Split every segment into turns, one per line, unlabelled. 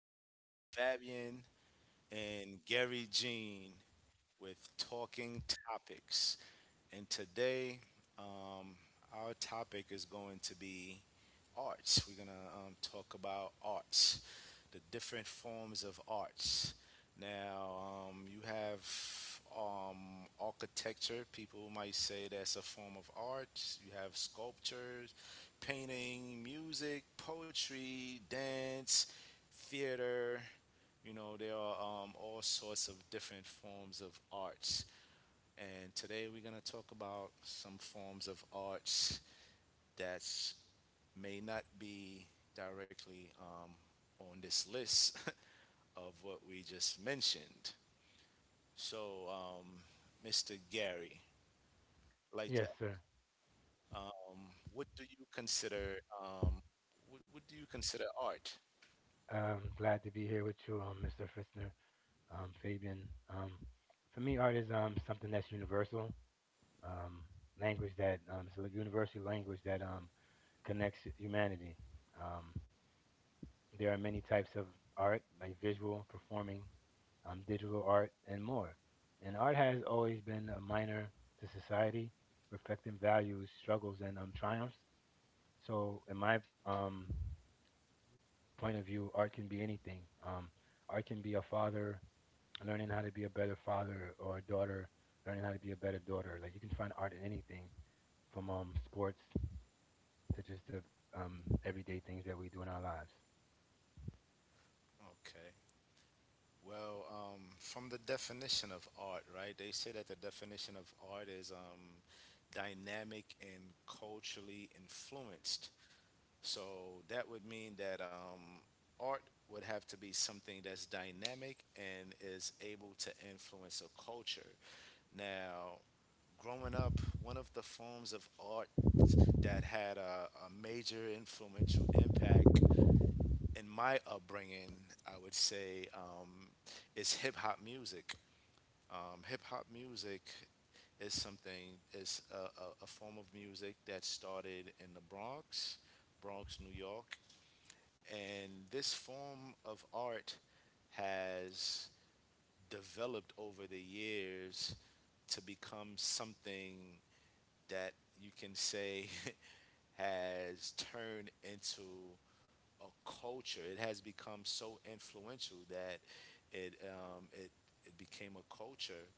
Fritzner Fabian and Gary Jean with Talking Topics. And today, um, our topic is going to be arts. We're going to talk about arts, the different forms of arts. Now, you have architecture. People might say that's a form of art. You have sculptures, painting, music, poetry, dance, theater. You know, there are all sorts of different forms of arts. And today we're going to talk about some forms of arts that's may not be directly on this list of what we just mentioned. So, Mr. Gary, I'd like to,
Yes, sir.
what do you consider um, what do you consider art?
Glad to be here with you, Mr. Fritzner, Fabian. Um, for me, art is something that's universal, um, language that it's a universal language that connects humanity. Um, there are many types of art, like visual, performing, digital art, and more. And art has always been a minor to society, reflecting values, struggles, and triumphs. So, in my um, point of view, art can be anything. Art can be a father learning how to be a better father, or a daughter learning how to be a better daughter. Like you can find art in anything, from sports to just the everyday things that we do in our lives.
Okay. Well, from the definition of art, right? They say that the definition of art is dynamic and culturally influenced. So that would mean that art would have to be something that's dynamic and is able to influence a culture. Now, growing up, one of the forms of art that had a major influential impact in my upbringing, I would say, is hip hop music. Hip hop music is a form of music that started in the Bronx, Bronx, New York, and this form of art has developed over the years to become something that you can say has turned into a culture. It has become so influential that it um, it it became a culture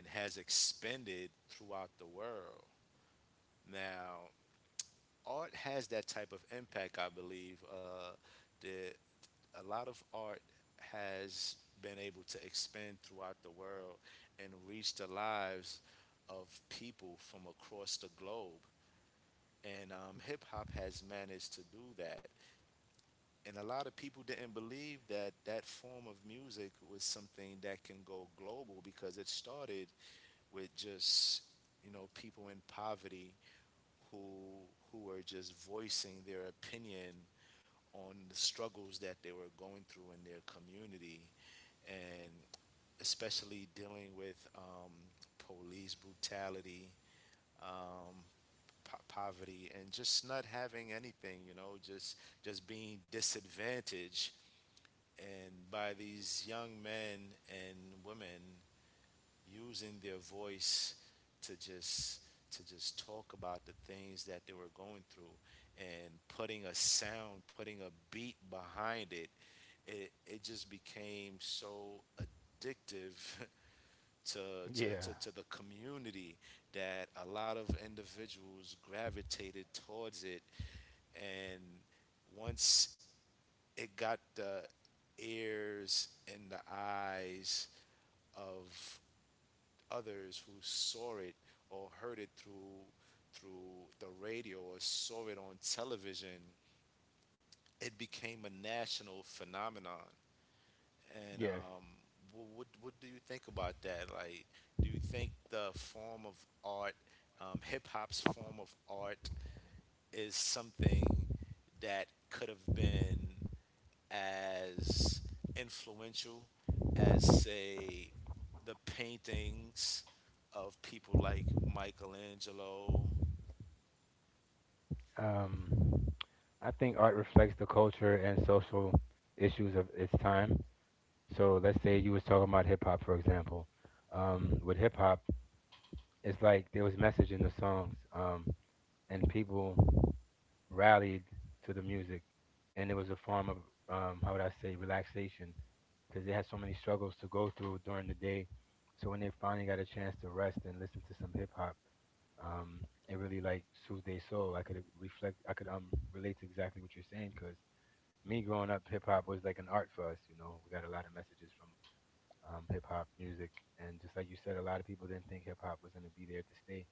and has expanded throughout the world. Now, art has that type of impact, I believe. The A lot of art has been able to expand throughout the world and reach the lives of people from across the globe. And hip hop has managed to do that. And a lot of people didn't believe that that form of music was something that can go global because it started with just, you know, people in poverty who who were just voicing their opinion on the struggles that they were going through in their community and especially dealing with police brutality, um, poverty, and just not having anything. You know, just being disadvantaged, and by these young men and women using their voice to just to just talk about the things that they were going through and putting a sound putting a beat behind it it just became so addictive to,
Yeah.
to the community that a lot of individuals gravitated towards it. And once it got the ears and the eyes of others who saw it or heard it through the radio or saw it on television, it became a national phenomenon. And
Yes.
what do you think about that? Like, do you think the form of art, hip hop's form of art, is something that could have been as influential as, say, the paintings of people like Michelangelo?
Um, I think art reflects the culture and social issues of its time. So let's say you was talking about hip hop, for example. With hip hop, it's like there was message in the songs, and people rallied to the music, and it was a form of how would I say relaxation because they had so many struggles to go through during the day. So when they finally got a chance to rest and listen to some hip hop, um, it really like soothed their soul. I could reflect, I could relate to exactly what you're saying because me growing up, hip hop was like an art for us. You know, we got a lot of messages from hip hop music, and just like you said, a lot of people didn't think hip hop was gonna be there to stay.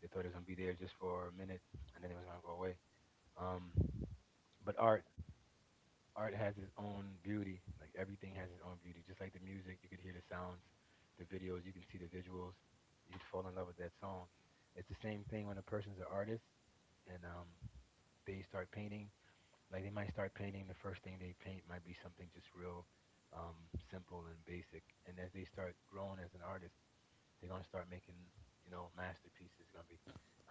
They thought it was gonna be there just for a minute, and then it was gonna go away. Um, but art has its own beauty. Like everything has its own beauty. Just like the music, you could hear the sounds, the videos, you can see the visuals. You'd fall in love with that song. It's the same thing when a person's an artist and they start painting. Like they might start painting. The first thing they paint might be something just real um, simple and basic. And as they start growing as an artist, they're gonna start making you know masterpieces. It's gonna be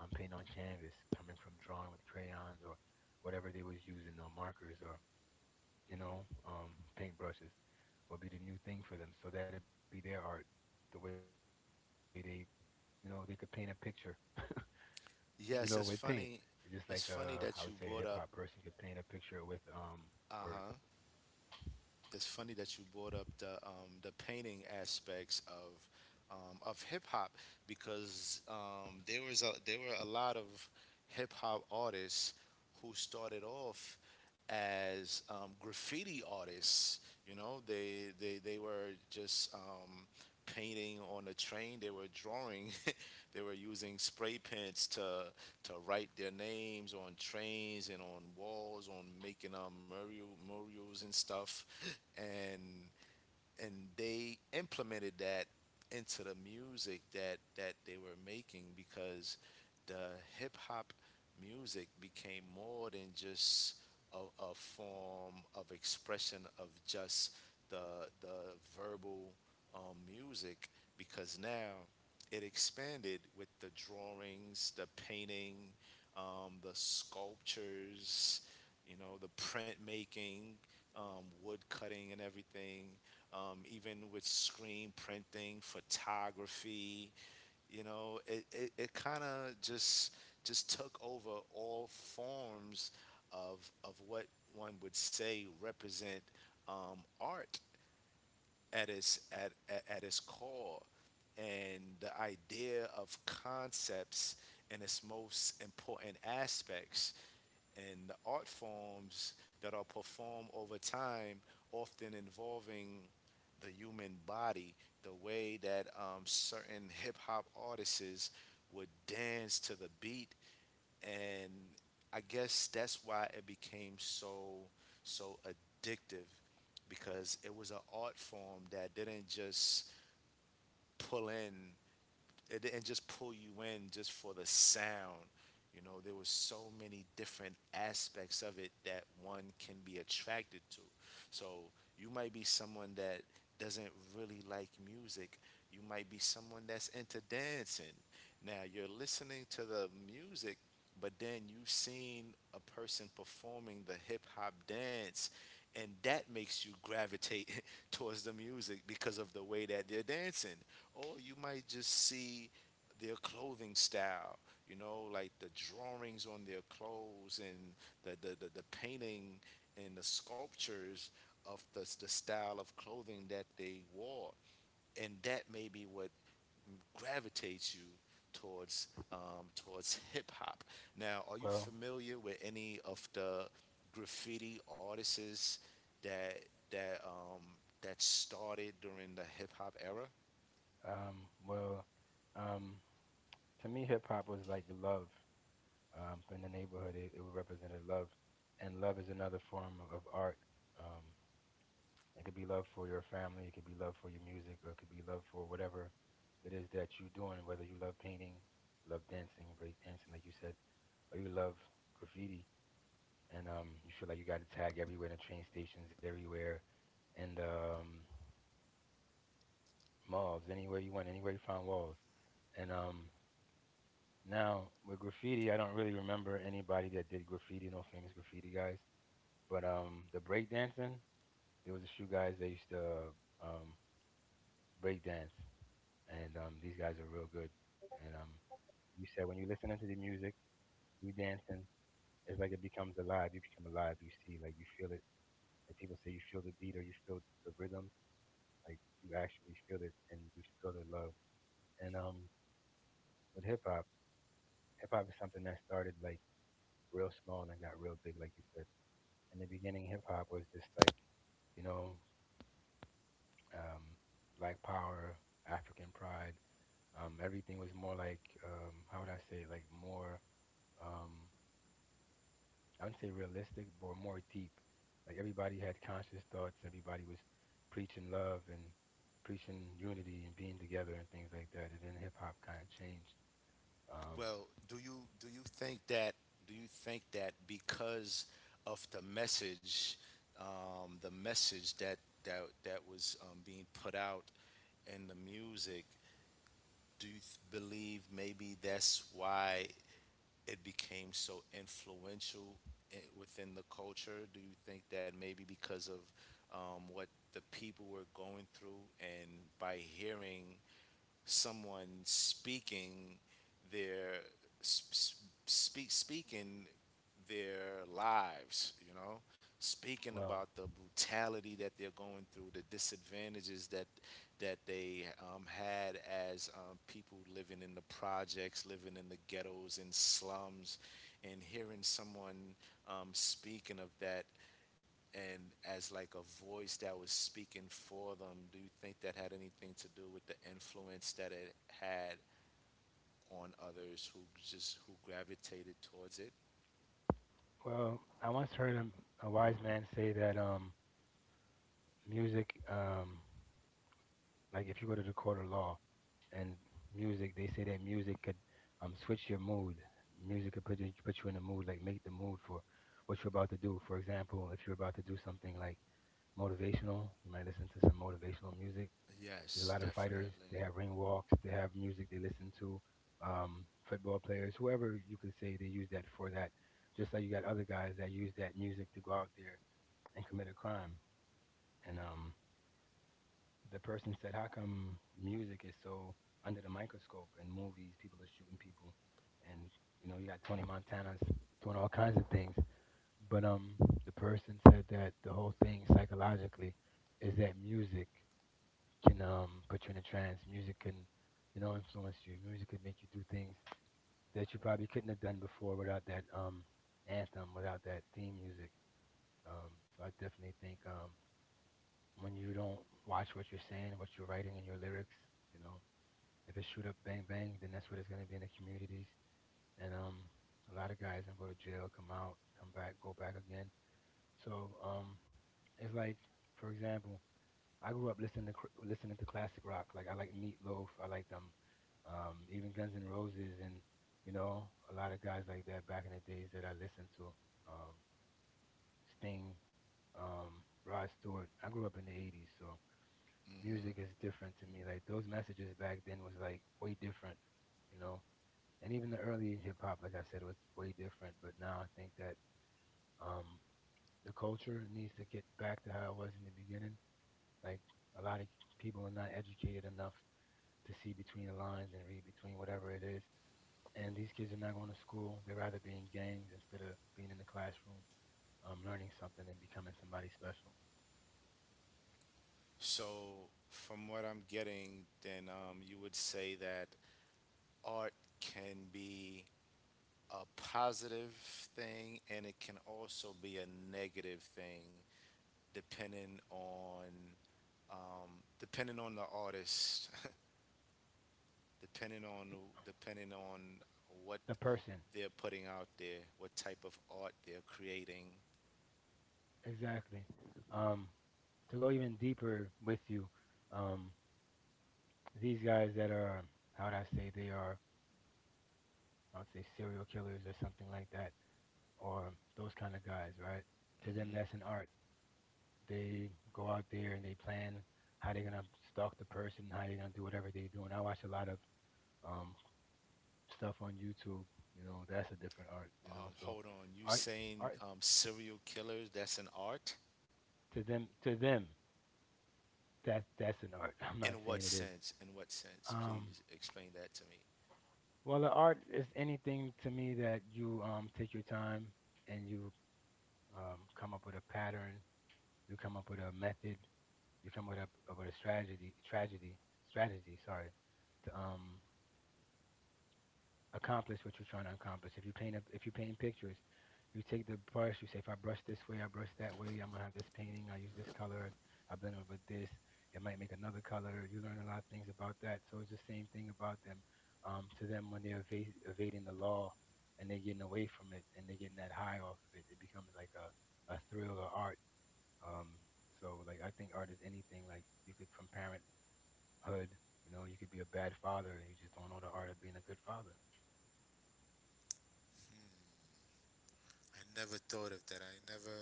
paint on canvas, coming from drawing with crayons or whatever they was using, or markers or you know, paintbrushes will be the new thing for them. So that'd be their art, the way they, you know, they could paint a picture, you know, with paint. It's just like
Yes, it's
I would say a
funny.
hip hop person
It's
could paint a
funny that you
picture with
brought up.
words.
Uh huh. It's funny that you brought up the painting aspects of hip hop because there was a, there were a lot of hip hop artists who started off as graffiti artists. You know, they were just painting on a train. They were drawing. They were using spray pens to write their names on trains and on walls, on making murals and stuff. And and they implemented that into the music that that they were making because the hip hop music became more than just a form of expression of just the verbal music because now it expanded with the drawings, the painting, the sculptures, you know, the printmaking, wood cutting, and everything even with screen printing, photography. You know, it kind of just took over all forms of what one would say represent art at its at its core and the idea of concepts in its most important aspects and the art forms that are performed over time, often involving the human body, the way that certain hip hop artists would dance to the beat. And I guess that's why it became so, so addictive because it was an art form that didn't just pull in it didn't just pull you in just for the sound. You know, there were so many different aspects of it that one can be attracted to. So you might be someone that doesn't really like music. You might be someone that's into dancing. Now you're listening to the music, but then you've seen a person performing the hip hop dance, and that makes you gravitate towards the music because of the way that they're dancing, or you might just see their clothing style, you know, like the drawings on their clothes and the painting and the sculptures of the style of clothing that they wore, and that may be what gravitates you towards towards hip hop. Now, are you
Well,
familiar with any of the graffiti artists that that um, that started during the hip hop era?
um, well, um, to me, hip hop was like love. In the neighborhood, it represented love, and love is another form of art. Um, It could be love for your family, it could be love for your music, or it could be love for whatever it is that you're doing, whether you love painting, you love dancing, break dancing, like you said, or you love graffiti and you feel like you got to tag everywhere in the train stations, everywhere, and malls, anywhere you went, anywhere you found walls. And Now with graffiti, I don't really remember anybody that did graffiti, no famous graffiti guys. But the breakdancing, there was a few guys that used to um, break dance. And These guys are real good. And You said when you listen into the music, you dancing, it's like it becomes alive. You become alive. You see, like you feel it. Like people say, you feel the beat or you feel the rhythm. Like you actually feel it, and you feel the love. And With hip hop is something that started like real small and got real big, like you said. In the beginning, hip hop was just like, you know, um, black power, African pride. Everything was more like, how would I say, like more um, I wouldn't say realistic, but more deep. Like everybody had conscious thoughts. Everybody was preaching love and preaching unity and being together and things like that. And then hip hop kind of changed. Um,
Well, do you think that do you think that because of the message that that was being put out in the music, do you believe maybe that's why it became so influential I within the culture? Do you think that maybe because of what the people were going through, and by hearing someone speaking their speaking their lives, you know, speaking
well,
about the brutality that they're going through, the disadvantages that that they had as people living in the projects, living in the ghettos and slums, and hearing someone speaking of that and as like a voice that was speaking for them, do you think that had anything to do with the influence that it had on others who just who gravitated towards it?
I once heard a wise man say that music, like if you go to the court of law, and music, they say that music could switch your mood. Music could put you in a mood, like make the mood for what you're about to do. For example, if you're about to do something like motivational. You might listen to some motivational music. There's a
Yes,
lot of fighters. They
definitely.
have ring walks. They have music they listen to. Football players, whoever you could say they use that for that. Just like you got other guys that use that music to go out there and commit a crime. And The person said, "How come music is so under the microscope in movies? People are shooting people, and you know you got Tony Montana's doing all kinds of things." But the person said that the whole thing psychologically is that music can put you in a trance. Music can, you know, influence you. Music can make you do things that you probably couldn't have done before without that anthem, without that theme music. So I definitely think when you don't watch what you're saying and what you're writing in your lyrics, you know, if it's shoot up bang bang, then that's what it's gonna be in the communities. And A lot of guys gonna go to jail, come out, come back, go back again. So um it's like, for example, I grew up listening to listening to classic rock. Like I like Meatloaf. I like them, even Guns N' Roses, and you know a lot of guys like that back in the days that I listened to. Um, Sting, Rod Stewart. I grew up in the '80s, so music is
Hmm.
different to me. Like those messages back then was like way different, you know. And even the early hip hop, like I said, was way different. But now I think that um, the culture needs to get back to how it was in the beginning. Like a lot of people are not educated enough to see between the lines and read between whatever it is. And these kids are not going to school. They'd rather be in gangs instead of being in the classroom, learning something and becoming somebody special.
So, from what I'm getting, then you would say that art can be a positive thing and it can also be a negative thing, depending on um, depending on the artist depending on depending on what
The person,
they're putting out there, what type of art they're creating.
exactly. Um, to go even deeper with you, um, these guys that are, how would I say, they are, I would say, serial killers or something like that, or those kind of guys, right? To them, that's
Hmm.
an art. They go out there and they plan how they're gonna stalk the person, how they're gonna do whatever they're doing. I watch a lot of um, stuff on YouTube. You know, that's a different art. You know, so
Hold on, you
art,
saying
art
serial killers? That's an art.
to them, that that's an art. I'm not
In what
saying it is.
sense? In what sense?
Um,
Please explain that to me.
well, the art is anything to me that you take your time and you come up with a pattern, you come up with a method, you come up with a strategy, tragedy, strategy, sorry, to accomplish what you're trying to accomplish. If you paint if you paint pictures, you take the brush. You say, if I brush this way, I brush that way. I'm gonna have this painting. I use this color. I blend it with this. It might make another color. You learn a lot of things about that. So it's the same thing about them. To them, when they're evading the law and they're getting away from it and they're getting that high off of it, it becomes like a thrill or art. Um, so like I think art is anything. Like you could from parenthood. You know, you could be a bad father and you just don't know the art of being a good father.
I never thought of that. I never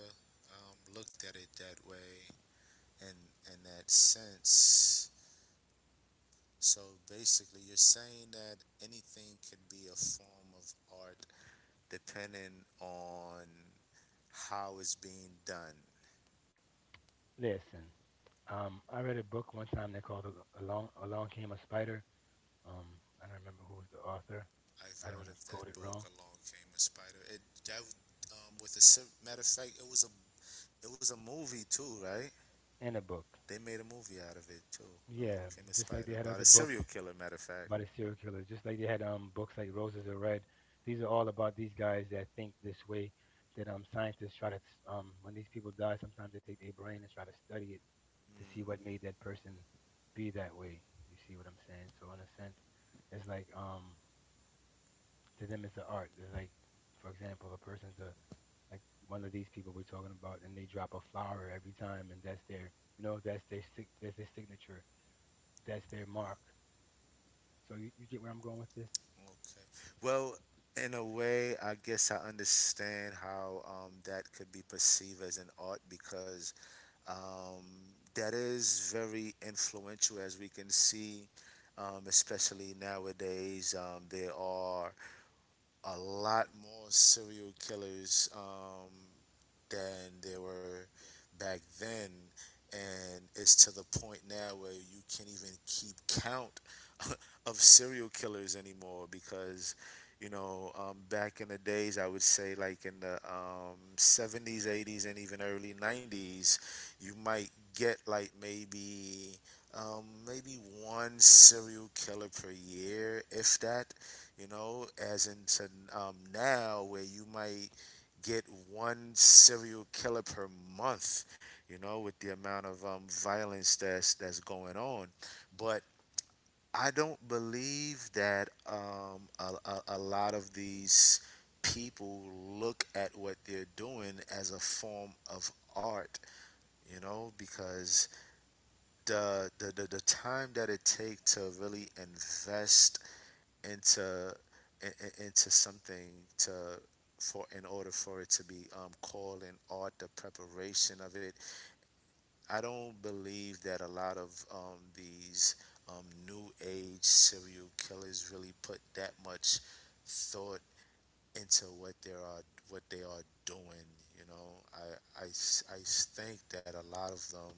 looked at it that way and in that sense. So basically, you're saying that anything could be a form of art depending on how it's being done.
Listen. I read a book one time they called it Along Came a Spider." Um, I don't remember who was the author.
I've
I don't
heard
want
of
to
that
quote it
book.
wrong.
Along Came a Spider. It that with a matter of fact, it was a movie too, right?
In a book,
They made a movie out of it too.
yeah,
Along Came a
just like they
Spider
had
about
other
a
books
serial killer. Matter of fact.
about the serial killers, just like they had books like "Roses Are Red." These are all about these guys that think this way. That scientists try to when these people die, sometimes they take their brain and try to study it to see what made that person be that way. You see what I'm saying? So in a sense, it's like to them it's an art. It's like, for example, a person's a like one of these people we're talking about, and they drop a flower every time, and that's their, that's their that's their signature, that's their mark. So you get where I'm going with this?
Okay. Well, in a way, I guess I understand how that could be perceived as an art because um, that is very influential, as we can see, especially nowadays. There are a lot more serial killers than they were back then. And it's to the point now where you can't even keep count of serial killers anymore because, you know, back in the days, I would say like in the 70s, 80s, and even early 90s, you might get like maybe. Maybe one serial killer per year, if that, you know, as into now where you might get one serial killer per month, you know, with the amount of violence that's going on. But I don't believe that a lot of these people look at what they're doing as a form of art, you know, because the time that it takes to really invest into into something to for in order for it to be called an art, the preparation of it. I don't believe that a lot of these new age serial killers really put that much thought into what they are doing. You know, I think that a lot of them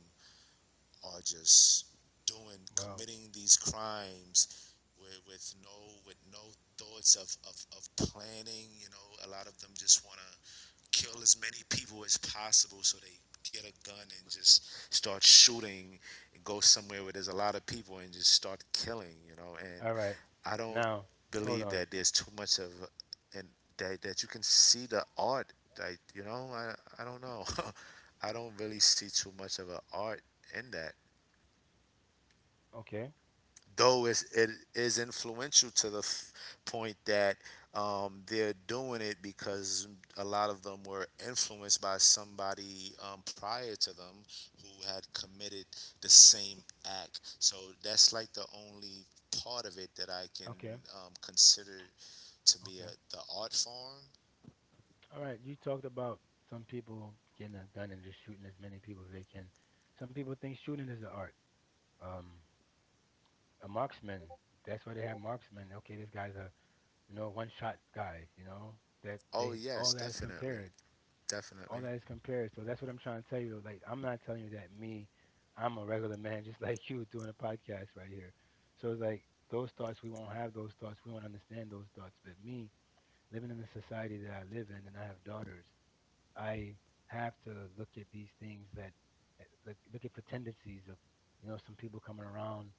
are just doing
Well,
committing these crimes with, with no with no thoughts of planning, you know, a lot of them just want to kill as many people as possible, so they get a gun and just start shooting and go somewhere where there's a lot of people and just start killing, you know, and
all right.
I don't
Now, hold
believe
on.
that there's too much of and that, that you can see the art that you know I don't know I don't really see too much of an art in that,
Okay,
though it's, it is influential to the point that they're doing it because a lot of them were influenced by somebody prior to them who had committed the same act. So that's like the only part of it that I can
okay,
consider to be
okay.
the art form.
All right. You talked about some people getting a gun and just shooting as many people as they can. Some people think shooting is an art. Um, a marksman. That's why they have marksmen. Okay, this guy's a, you know, one shot guy, you know, that
Oh
they all
yes,
that is
definitely,
compared, all
definitely.
that is compared. So that's what I'm trying to tell you. Like, I'm not telling you that me, I'm a regular man, just like you doing a podcast right here. So it's like those thoughts, we won't have those thoughts, we won't understand those thoughts. But me, living in the society that I live in, and I have daughters, I have to look at these things that, that like, look, looking for tendencies of, you know, some people coming around,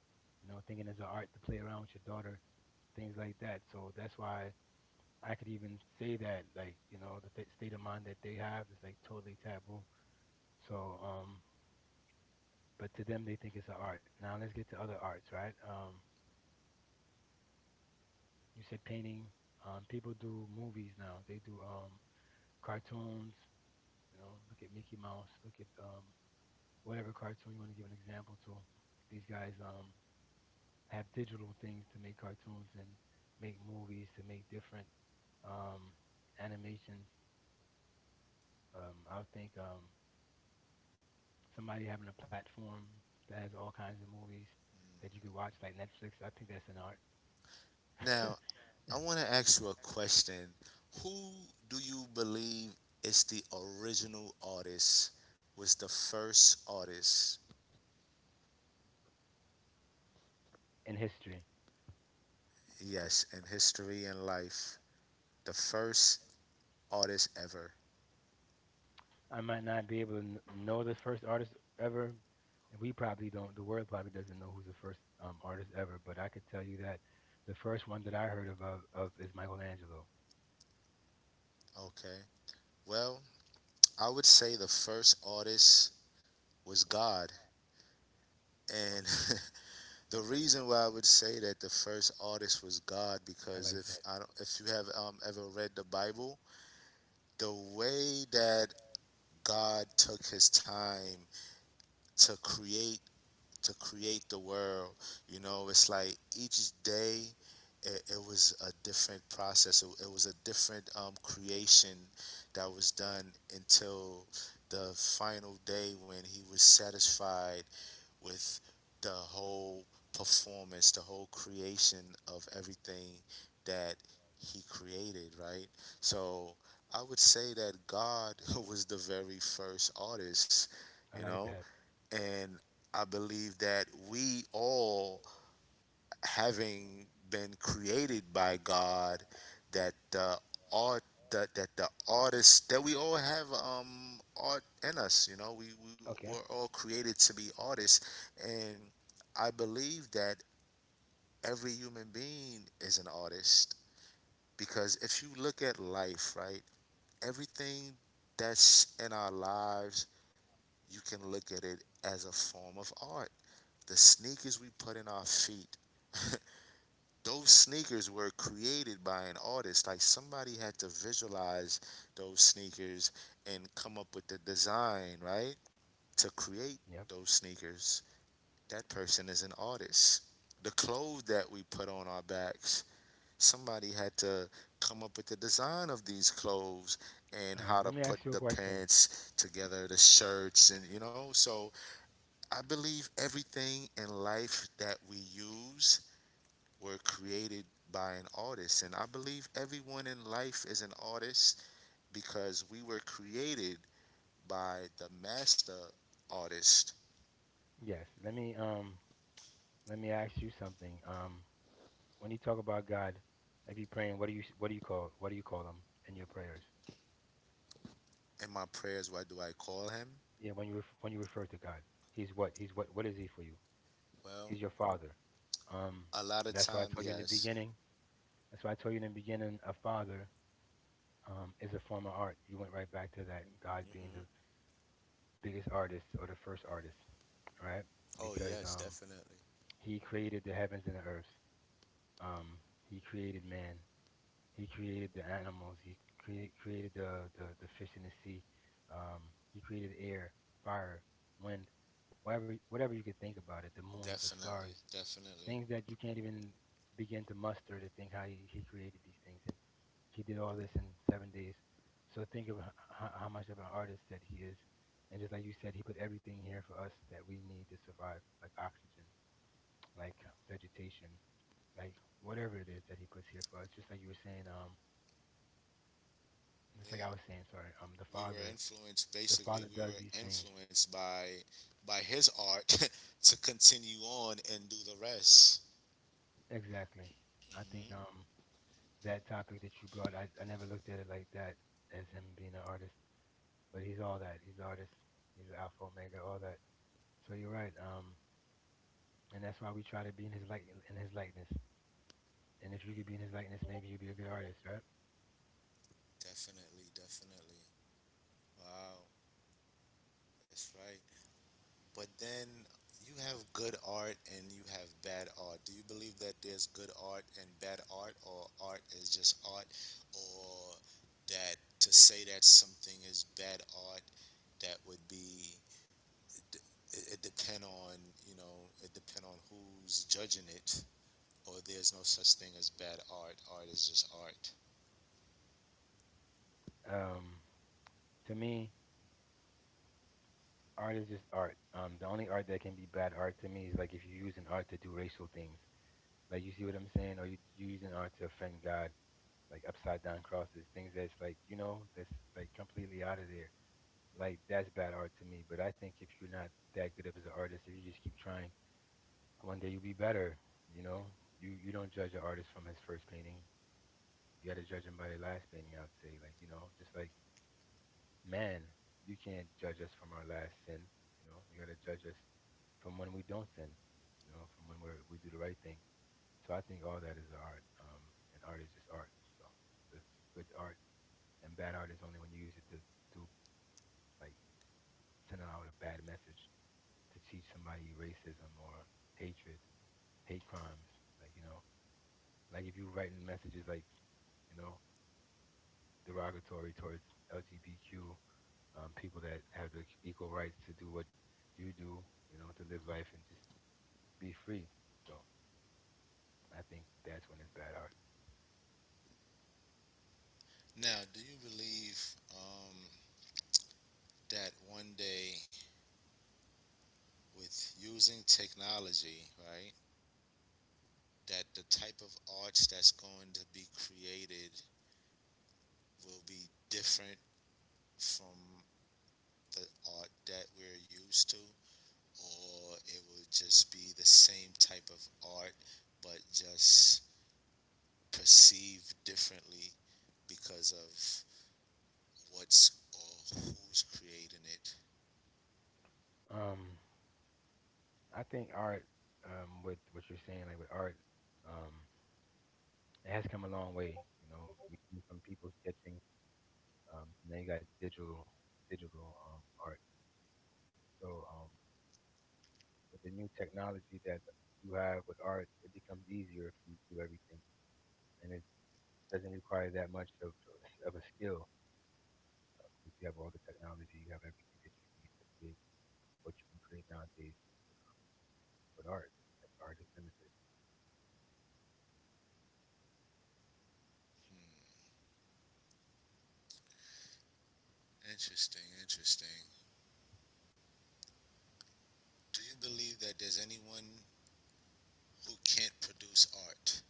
you know, thinking it's an art to play around with your daughter, things like that. So that's why I could even say that, like, you know, the state of mind that they have is like totally taboo. So, um, but to them, they think it's an art. Now let's get to other arts, right? You said painting. People do movies now. They do cartoons. You know, look at Mickey Mouse. Look at, whatever cartoon you want to give an example to. These guys have digital things to make cartoons and make movies to make different, um, animations. I would think somebody having a platform that has all kinds of movies that you could watch, like Netflix. I think that's an art
Now, I want to ask you a question. Who do you believe is the original artist? Was the first artist?
in history.
Yes, in history and life, the first artist ever.
I might not be able to know the first artist ever, and we probably don't. The world probably doesn't know who's the first, artist ever, but I could tell you that the first one that I heard of is Michelangelo.
Okay. Well, I would say the first artist was God, and the reason why I would say that the first artist was God
I
because
like
if
that.
I don't, if you have ever read the Bible, the way that God took His time to create to create the world. You know, it's like each day it was a different process. It was a different creation that was done until the final day when he was satisfied with the whole performance, the whole creation of everything that he created, right? So I would say that God was the very first artist,
I
you
like
know?
that.
And I believe that we all, having been created by God, that the art that the artist that we all have, um, art in us, you know, we, we
Okay.
we're all created to be artists. And I believe that every human being is an artist, because if you look at life, right, everything that's in our lives, you can look at it as a form of art. The sneakers we put in our feet, those sneakers were created by an artist. Like somebody had to visualize those sneakers and come up with the design, right? To create
Yep.
those sneakers. That person is an artist. The clothes that we put on our backs, somebody had to come up with the design of these clothes
All
and
right. Let
how
me
to
ask you a
put the
question.
pants together, the shirts, and you know, so I believe everything in life that we use were created by an artist. And I believe everyone in life is an artist because we were created by the master artist.
Yes. Let me ask you something. When you talk about God, if you're praying, what do you call what do you call him in your prayers?
In my prayers, what do I call him?
Yeah, when you when you refer to God, He's what He's what is He for you? He's
Well,
your Father. Um,
a lot of
that's why I
time,
told you in the
yes.
beginning. That's why I told you in the beginning, a father, is a form of art. You went right back to that God being the
Hmm.
biggest artist or the first artist, all right?
Oh,
Because
yes, definitely.
He created the heavens and the earth. Um, he created man. He created the animals. He created the fish in the sea. He created air, fire, wind, whatever you could think about it. The moons, the stars,
Definitely.
things
Definitely.
that you can't even begin to muster to think how he created these things. And he did all this in 7 days. So think of how much of an artist that he is. And just like you said, he put everything here for us that we need to survive, like oxygen, like vegetation, like whatever it is that he puts here for us. Just like you were saying, just like I
Yeah.
was saying, sorry,
We were influenced,
the father
basically, we
does
were
these things.
influenced by his art to continue on and do the rest.
Exactly. I think
Hmm.
that topic that you brought, I never looked at it like that as him being an artist, but he's all that. He's an artist. He's an alpha omega, all that. So you're right. And that's why we try to be in his light, in his likeness. And if you could be in his likeness, maybe you'd be a good artist, right?
Definitely, definitely. Wow, that's right. But then you have good art and you have bad art. Do you believe that there's good art and bad art, or art is just art, or that to say that something is bad art, that would be it, it depend on, you know, it depend on who's judging it, or there's no such thing as bad art. Art is just art.
Um, to me, art is just art. The only art that can be bad art to me is like if you use an art to do racial things. Like you see what I'm saying, or you using art to offend God like upside down crosses, things that's like, you know, that's like completely out of there. Like that's bad art to me. But I think if you're not that good of as an artist, if you just keep trying, one day you'll be better. You know, you don't judge an artist from his first painting. You got to judge him by their last painting. I'd say, like, you know, just like man, you can't judge us from our last sin. You know, you got to judge us from when we don't sin. You know, from when we do the right thing. So I think all that is art. And art is just art. So it's good art. And bad art is only when you use it to do like send out a bad message to teach somebody racism or hatred, hate crimes. Like, you know, like if you're writing messages like, you know, derogatory towards LGBTQ, people that have the equal rights to do what you do, you know, to live life and just be free. So I think that's when it's bad art.
Now, do you believe, um, that one day with using technology, right? That the type of arts that's going to be created will be different from the art that we're used to, or it will just be the same type of art but just perceived differently because of what's or who's creating it.
Um, I think art, with what you're saying, like with art, um, it has come a long way. You know, we came from people sketching. Now you got digital, art. So, with the new technology that you have with art, it becomes easier for you to do everything, and it doesn't require that much of a skill because you have all the technology, you have everything that you need to create what you can create nowadays with art. Like art is limitless.
Interesting, interesting. Do you believe that there's anyone who can't produce art?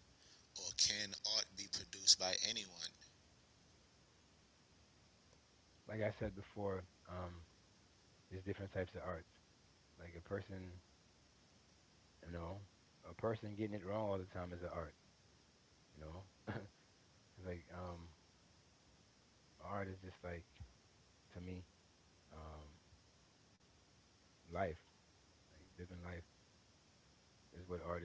Or can art be produced by anyone?
Like I said before, there's different types of arts. Like a person, you know, a person getting it wrong all the time is an art. You know, it's like, art is just like to me, um, life, like living life is what art is.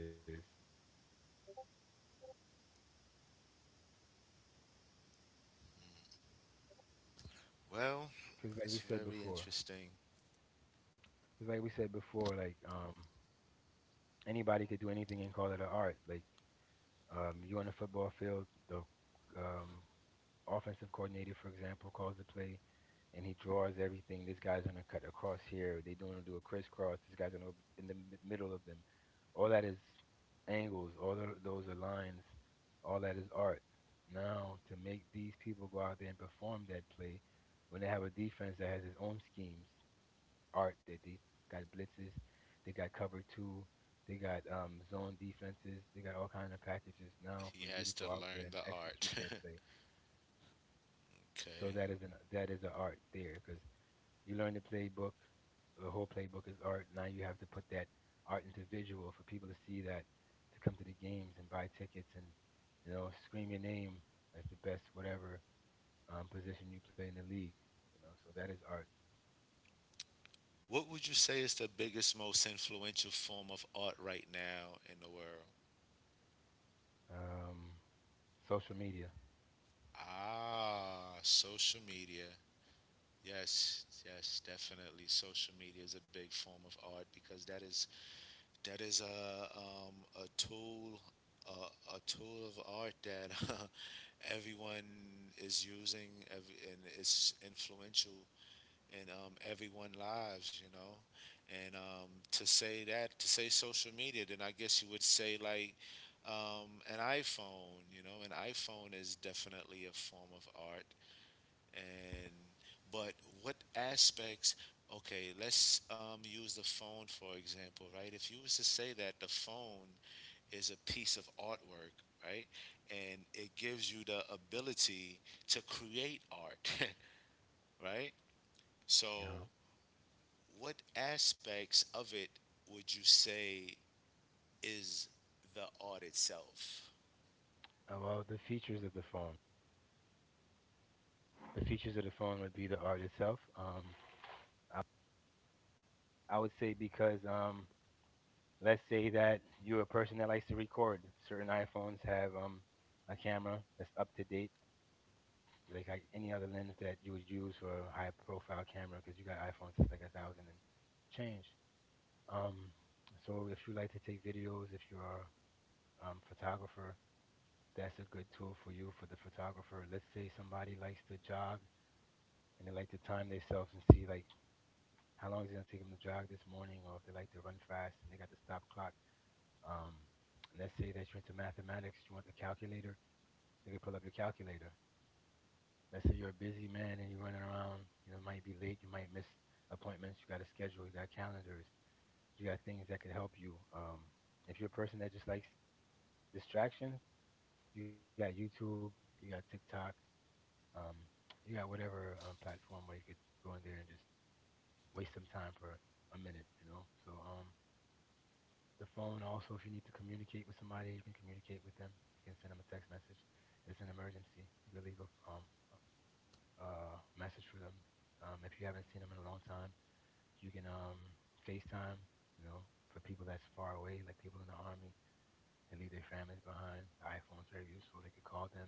Well,
Because like we
it's
said
very
before,
interesting.
because like we said before, like, anybody could do anything and call it an art. Like, you on the football field, the um, offensive coordinator, for example, calls the play and he draws everything. This guy's gonna cut across here. They're gonna do a crisscross. This guy's gonna in the middle of them. All that is angles. Those are lines. All that is art. Now to make these people go out there and perform that play, when they have a defense that has its own schemes, art that they got blitzes, they got cover two, they got, zone defenses, they got all kind of packages. Now for
He
you to
has
go
to
out there
learn
and
the
execute
art.
that play, so
Okay.
that is an art there because you learn the playbook, the whole playbook is art. Now you have to put that art into visual for people to see that, to come to the games and buy tickets and, you know, scream your name as the best whatever, position you play in the league. You know, so that is art.
What would you say is the biggest, most influential form of art right now in the world?
Um, social media.
Ah, social media. Yes, yes, definitely. Social media is a big form of art because that is a, a tool a tool of art that everyone is using every, and it's influential in, everyone lives, you know. And to say that, to say social media, then I guess you would say like, an iPhone, you know, an iPhone is definitely a form of art. And but what aspects? Okay, let's, use the phone for example, right? If you was to say that the phone is a piece of artwork, right? And it gives you the ability to create art, right? So,
Uh-huh.
what aspects of it would you say is the art itself?
Well, the features of the phone. The features of the phone would be the art itself. I, I would say because, let's say that you're a person that likes to record. Certain iPhones have, a camera that's up to date, like any other lens that you would use for a high profile camera, because you got iPhones that's like a thousand and change. Um, so if you like to take videos, if you're a, photographer, that's a good tool for you for the photographer. Let's say somebody likes to jog and they like to time themselves and see like how long is it gonna take them to jog this morning, or if they like to run fast and they got the stop clock. Um, and let's say that you're into mathematics, you want the calculator, you can pull up your calculator. Let's say you're a busy man and you're running around, you know, might be late, you might miss appointments, you got a schedule, you got calendars, you got things that could help you. If you're a person that just likes distractions, you got YouTube, you got TikTok, um, you got whatever, platform where you could go in there and just waste some time for a minute, you know. So, the phone. Also, if you need to communicate with somebody, you can communicate with them. You can send them a text message. It's an emergency. You can leave a message for them. If you haven't seen them in a long time, you can FaceTime. You know, for people that's far away, like people in the army, they leave their families behind. The iPhone's very useful. They could call them,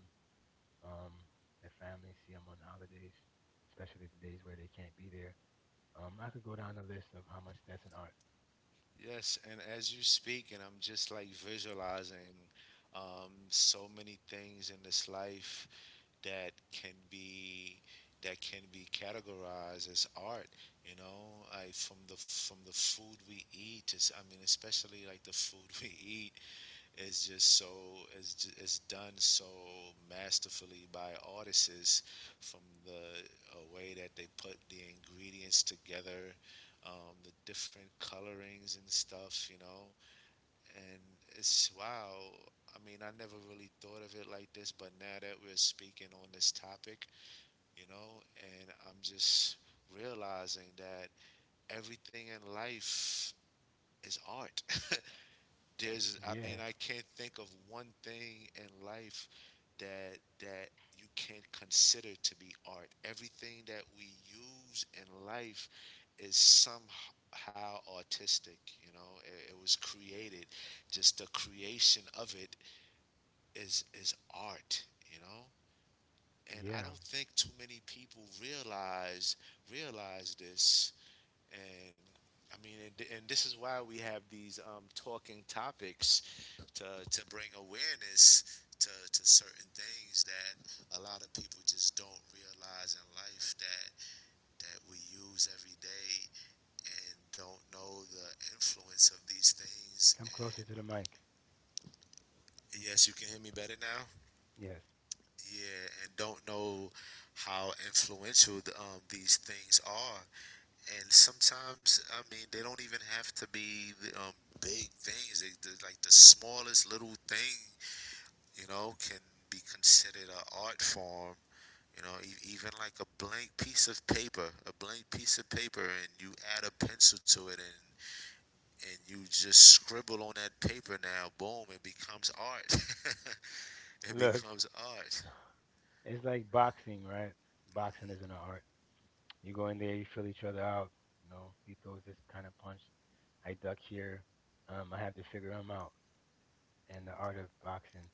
um, their families, see them on holidays, especially the days where they can't be there. I could go down the list of how much that's an art.
Yes, and as you speak, and I'm just like visualizing, so many things in this life that can be that can be categorized as art, you know, like from the food we eat to, s- I mean especially like the food we eat is just so is done so masterfully by artists from the way that they put the ingredients together, the different colorings and stuff, you know, and it's wow. I mean, I never really thought of it like this, but now that we're speaking on this topic, you know, and I'm just realizing that everything in life is art. There's, I
Yeah,
mean, I can't think of one thing in life that you can't consider to be art. Everything that we use in life is somehow artistic. You know, it was created. Just the creation of it is art. You know, and I
yeah.
don't think too many people realize this. And I mean, and, this is why we have these, talking topics to bring awareness to certain things that a lot of people just don't realize in life that that we use every day and don't know the influence of these things.
Come closer to the mic.
And yes you can hear me better now.
Yes.
Yeah and don't know how influential the, these things are, and sometimes I mean they don't even have to be the, big things, they- like the smallest little thing, you know, can be considered an art form. You know, e- even like a blank piece of paper, a blank piece of paper, and you add a pencil to it, and you just scribble on that paper. Now, boom, it becomes art. It
Look,
becomes art.
it's like boxing, right? Boxing isn't an art. You go in there, you feel each other out. You know, he throws this kind of punch. I duck here. I have to figure him out. And the art of boxing,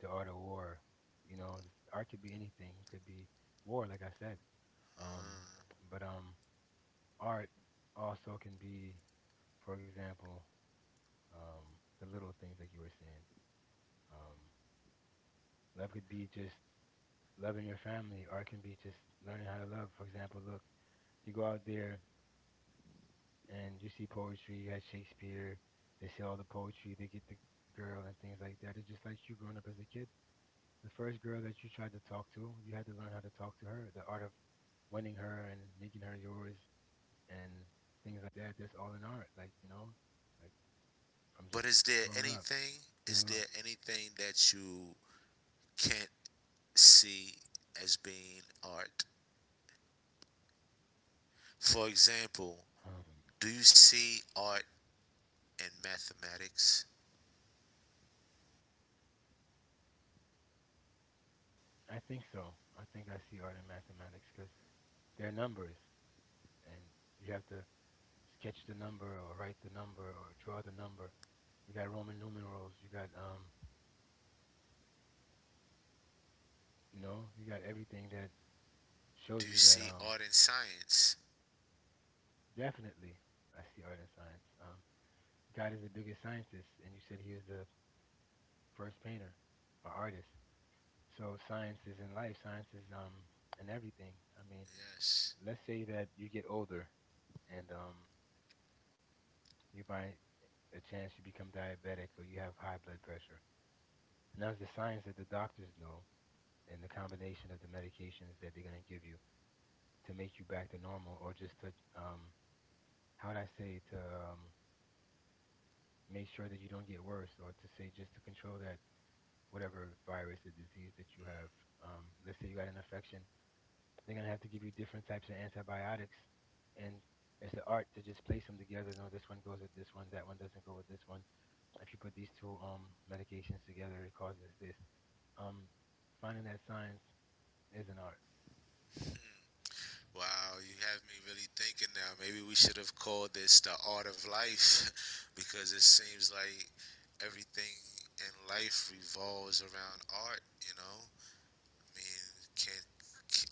the art of war. You know, this art could be anything. It could be war, like I said. Um,
Uh,
but art also can be, for example, um, the little things like you were saying. Um, Love could be just loving your family. Art can be just learning how to love. For example, look, you go out there and you see poetry, you had Shakespeare, they say all the poetry, they get the girl and things like that. It's just like you growing up as a kid. The first girl that you tried to talk to, you had to learn how to talk to her. The art of winning her and making her yours and things like that. That's all in art. Like, you know, like from just
but
growing
is
up,
there
you know.
anything? Is there anything that you can't see as being art? For
Um,
example, do you see art in mathematics?
I think so. I think I see art in mathematics because they're numbers and you have to sketch the number or write the number or draw the number. You got Roman numerals. You got you know, you got everything that shows you that
Do you see art in science?
definitely I see art and science. God is the biggest scientist, and you said he was the first painter or artist. So science is in life. Science is in everything. I mean,
Yes.
let's say that you get older and you by a chance you become diabetic or you have high blood pressure. And that's the science that the doctors know and the combination of the medications that they're going to give you to make you back to normal or just to um how would I say to make sure that you don't get worse or to say just to control that whatever virus or disease that you have. Let's say you got an infection, they're going to have to give you different types of antibiotics, and it's the art to just place them together. No, this one goes with this one, that one doesn't go with this one. If you put these two medications together it causes this. um Finding that science is an art.
Wow, you have me really thinking now. Maybe we should have called this the art of life because it seems like everything in life revolves around art, you know? I mean, can't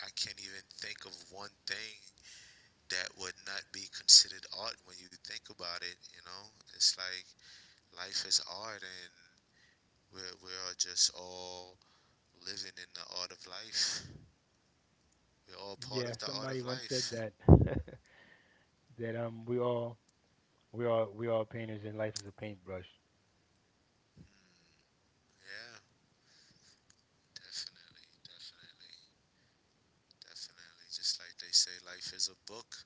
I can't even think of one thing that would not be considered art when you think about it, you know? It's like life is art and we are just all living in the art of life. We're all part
Yeah,
of the art
somebody
of
once said
life.
that that um, we all painters and life is a paintbrush.
Yeah. Definitely, definitely, definitely. Just like they say, life is a book,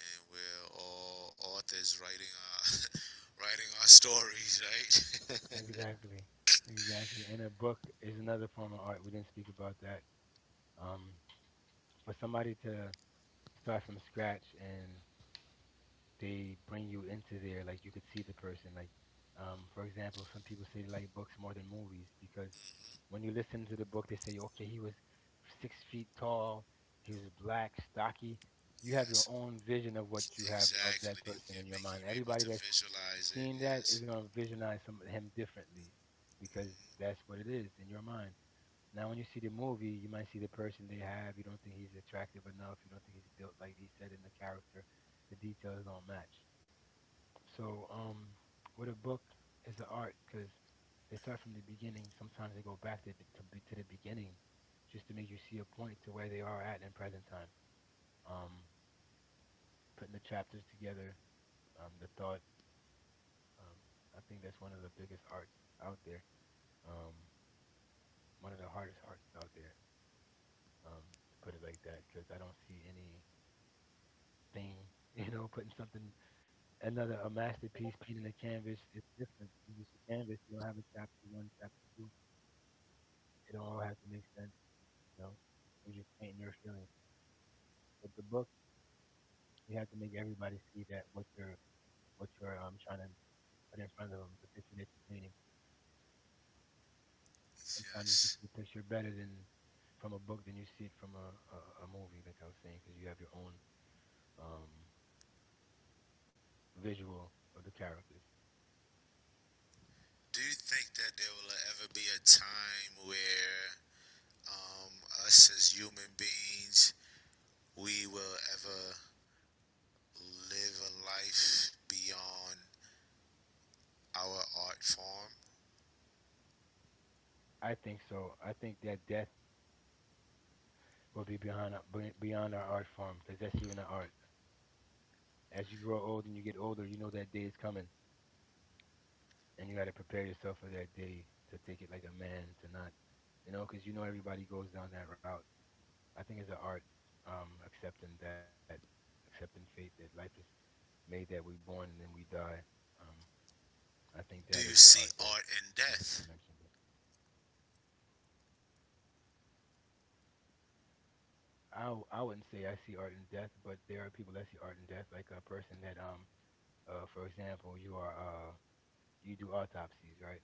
and we're all authors writing our writing our stories, right?
Exactly. Exactly. And a book is another form of art. We didn't speak about that. Um for somebody to start from scratch and they bring you into there, like you could see the person, like for example, some people say they like books more than movies because when you listen to the book, they say okay, he was 6 feet tall, he was black, stocky. You have your
Yes,
own vision of what you have of that
exactly.
person
Yeah,
in your
making
mind.
you able
Everybody
to
that's
visualize it.
seen that
Yes,
is going to visualize some him differently because that's what it is in your mind. Now, when you see the movie, you might see the person they have. You don't think he's attractive enough. You don't think he's built like he said in the character. The details don't match. So, with a book, it's an art because they start from the beginning. Sometimes they go back to the beginning just to make you see a point to where they are at in present time. Um, Putting the chapters together, the thought. Um, I think that's one of the biggest arts out there. Um, One of the hardest arts out there. Um, to put it like that, because I don't see any thing, you know, putting something another, a masterpiece, painting a canvas is different. You just a canvas. You don't have a chapter one, chapter two. It don't all have to make sense, you know. You're just painting your feelings. But the book, you have to make everybody see that what you're what you're trying to put in front of them, the picture that you're painting. Sometimes you can
yes.
see a picture better than from a book than you see it from a movie, like I was saying, because you have your own um visual of the characters.
Do you think that there will ever be a time where, um, us as human beings, we will ever live a life beyond our art form?
I think so. I think that death will be behind beyond our art form because that's even an art. As you grow old and you get older, you know that day is coming, and you got to prepare yourself for that day to take it like a man, to not, you know, because you know everybody goes down that route. I think it's an art, accepting that, accepting fate that life is made that we born and then we die. Um, I think that is
Do
the
you
art
see
that
art
you
in
you
death?
mentioned it. I wouldn't say I see art in death, but there are people that see art in death, like a person that for example, you are you do autopsies, right?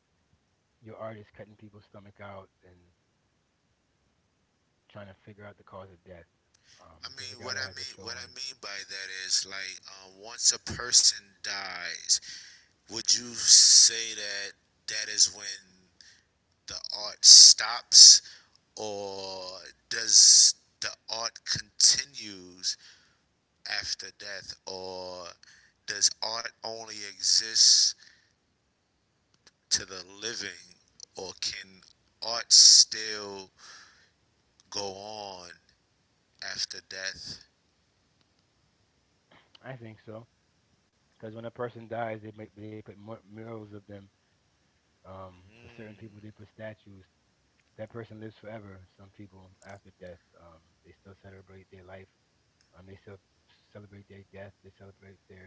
Your art is cutting people's stomach out and trying to figure out the cause of death.
I
There's a
mean,
guy that has a
what
show
I
on.
mean by that is like, once a person dies, would you say that that is when the art stops, or does the art continues after death, or does art only exist to the living, or can art still go on after death?
I think so, because when a person dies, they make, they put murals of them. For certain people, they put
Mm,
statues. That person lives forever. Some people, after death, they still celebrate their life. Um, they celebrate their death. They celebrate their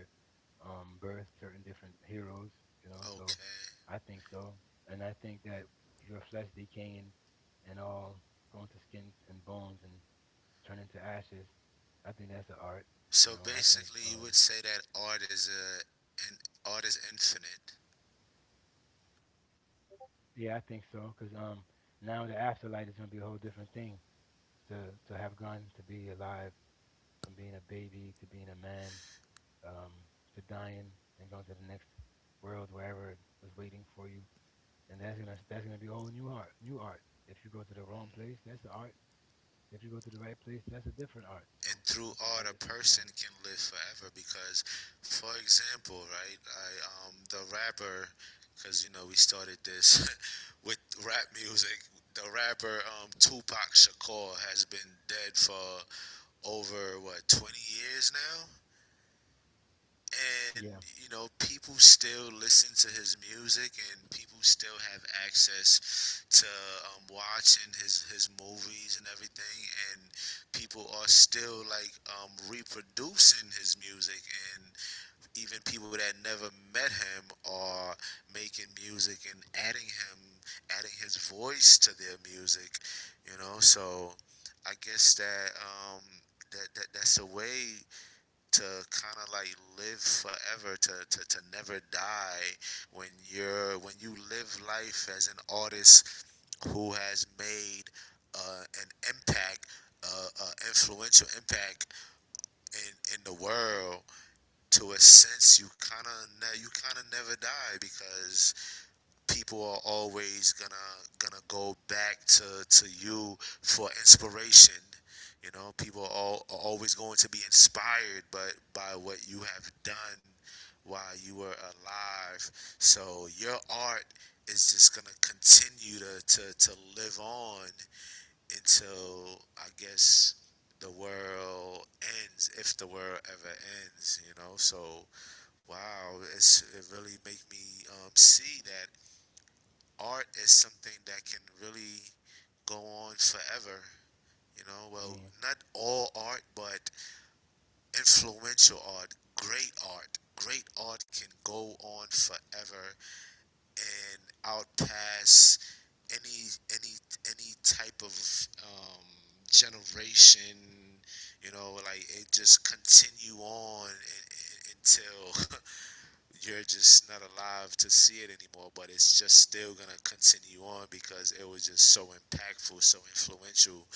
birth. Certain different heroes, you know. So
okay.
I think so, and I think that your flesh decaying and all going to skins and bones and turn into ashes, I think that's an art, you know.
So basically, you would say that art is a and art is infinite,
Yeah, I think so, because now the afterlife is gonna be a whole different thing. To to have gone to be alive, from being a baby to being a man, um, to dying and going to the next world, wherever it was waiting for you. And that's gonna be all new art, new art. If you go to the wrong place, that's the art. If you go to the right place, that's a different art. So
and
I
through
think art
art, a
just keeps going.
person can live forever. Because, for example, right, I the rapper, because you know we started this with rap music. The rapper Tupac Shakur has been dead for over what 20 years now. And
Yeah,
you know people still listen to his music and people still have access to, watching his movies and everything and people are still like, reproducing his music and even people that never met him are making music and adding him adding his voice to their music, you know, so I guess that that that's a way to kind of like live forever to never die when you're when you live life as an artist who has made an impact, influential impact in the world, to a sense you kind of never die because people are always gonna gonna go back to you for inspiration. You know, people are, all, are always going to be inspired, but by what you have done while you were alive. So your art is just gonna continue to live on until I guess the world ends if the world ever ends, you know, so wow it's it really make me, see that art is something that can really go on forever. You know,
I
well,
mean,
not all art, but influential art, great art. Great art can go on forever and outpass any any type of, um, generation. You know, like it just continue on until you're just not alive to see it anymore, but it's just still gonna continue on because it was just so impactful, so influential,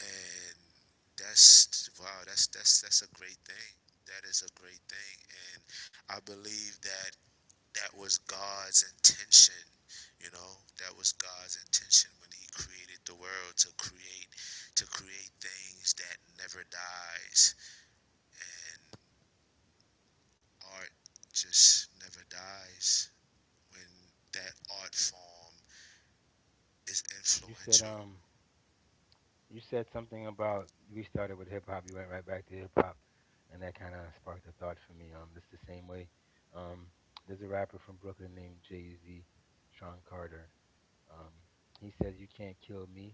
and that's wow, that's that's a great thing. That is a great thing, and I believe that that was God's intention. You know, that was God's intention when He created the world to create things that never dies, and art just never dies when that art form is
you said
influential.
you said something about we started with hip hop, you went right back to hip hop, and that kind of sparked a thought for me. It's the same way. Um, there's a rapper from Brooklyn named Jay Z, Sean Carter. Um, he says, "You can't kill me.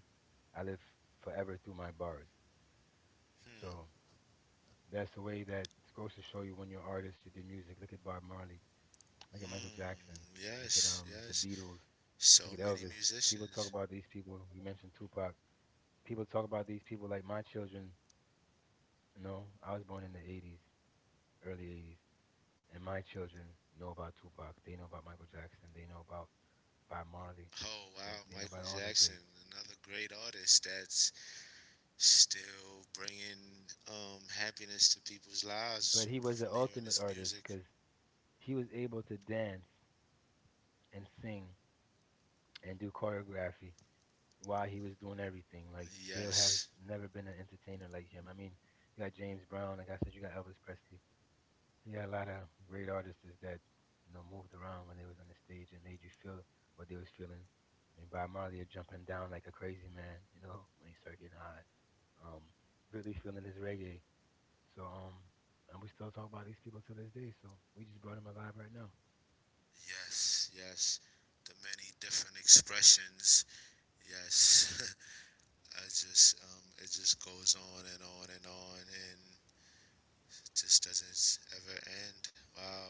I live forever through my bars." So
Hmm.
that's the way that it's supposed to show you when you're artists, you do music. Look at Bob Marley. Look at Michael Jackson.
Hmm.
Look at
Yes.
the
Yes.
Beatles.
So
Look at
many
Elvis. People talk
musicians.
about these people. You mentioned Tupac. People talk about these people like my children. No, I was born in the 80s, early 80s, and my children know about Tupac. They know about Michael Jackson. They know about Bob Marley.
Oh
They,
wow,
they know
Michael
about all the
Jackson,
greats.
another great artist that's still bringing happiness to people's lives
But he was the
from hearing
ultimate
his
artist
music.
because he was able to dance and sing and do choreography while he was doing everything. Like, there has
Yes.
never been an entertainer like him. I mean, you got James Brown. Like I said, you got Elvis Presley. You got a lot of great artists that you know moved around when they was on the stage and made you feel what they was feeling. I mean, Bob Marley jumping down like a crazy man, you know, when he started getting hot. Um, Really feeling his reggae. So and we still talk about these people to this day. So we just brought him alive right now.
Yes. Yes. The many different expressions. Yes. I just It just goes on and on and on and just doesn't ever end. Wow.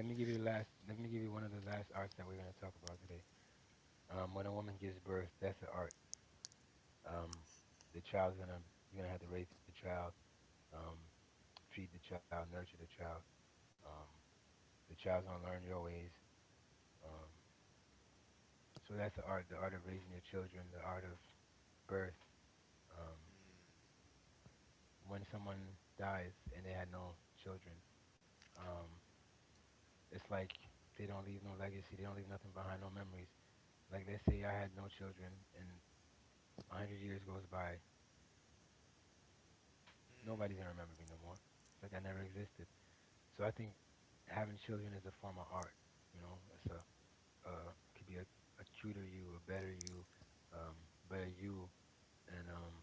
Let me give you the last. Let me give you one of the last arts that we're gonna talk about today. When a woman gives birth, that's an art. Um, the child's gonna, you're gonna have to raise the child, um, feed the child, nurture the child. Um, the child's gonna learn your ways. Um, so that's the art of raising your children, the art of birth. Um, when someone dies and they had no children, um, it's like they don't leave no legacy. They don't leave nothing behind, no memories. Like let's say I had no children and 100 years goes by, nobody's gonna remember me no more. It's like I never existed. So I think having children is a form of art. You know, it's a it could be a cuter you, a better you, um, better you, and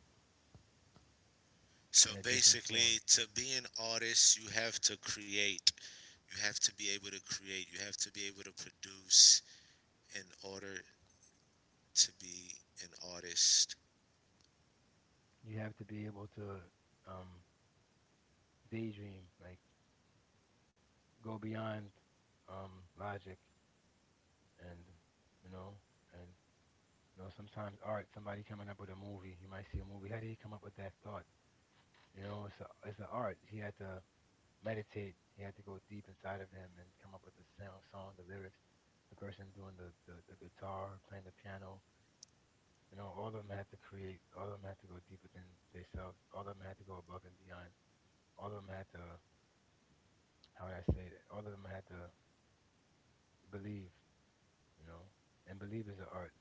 in a
So
different form.
basically, to be an artist, you have to create. You have to be able to create. You have to be able to produce in order to be an artist.
You have to be able to um daydream, like go beyond logic and you know and you know, sometimes art, somebody coming up with a movie, you might see a movie, how did he come up with that thought? You know, it's it's an art. He had to meditate, he had to go deep inside of him and come up with the sound, song, the lyrics, the person doing the guitar, playing the piano. You know, all of them had to create, all of them had to go deeper than themselves, all of them had to go above and beyond, all of them had to, how would I say that? All of them had to believe, you know, and believe is an art,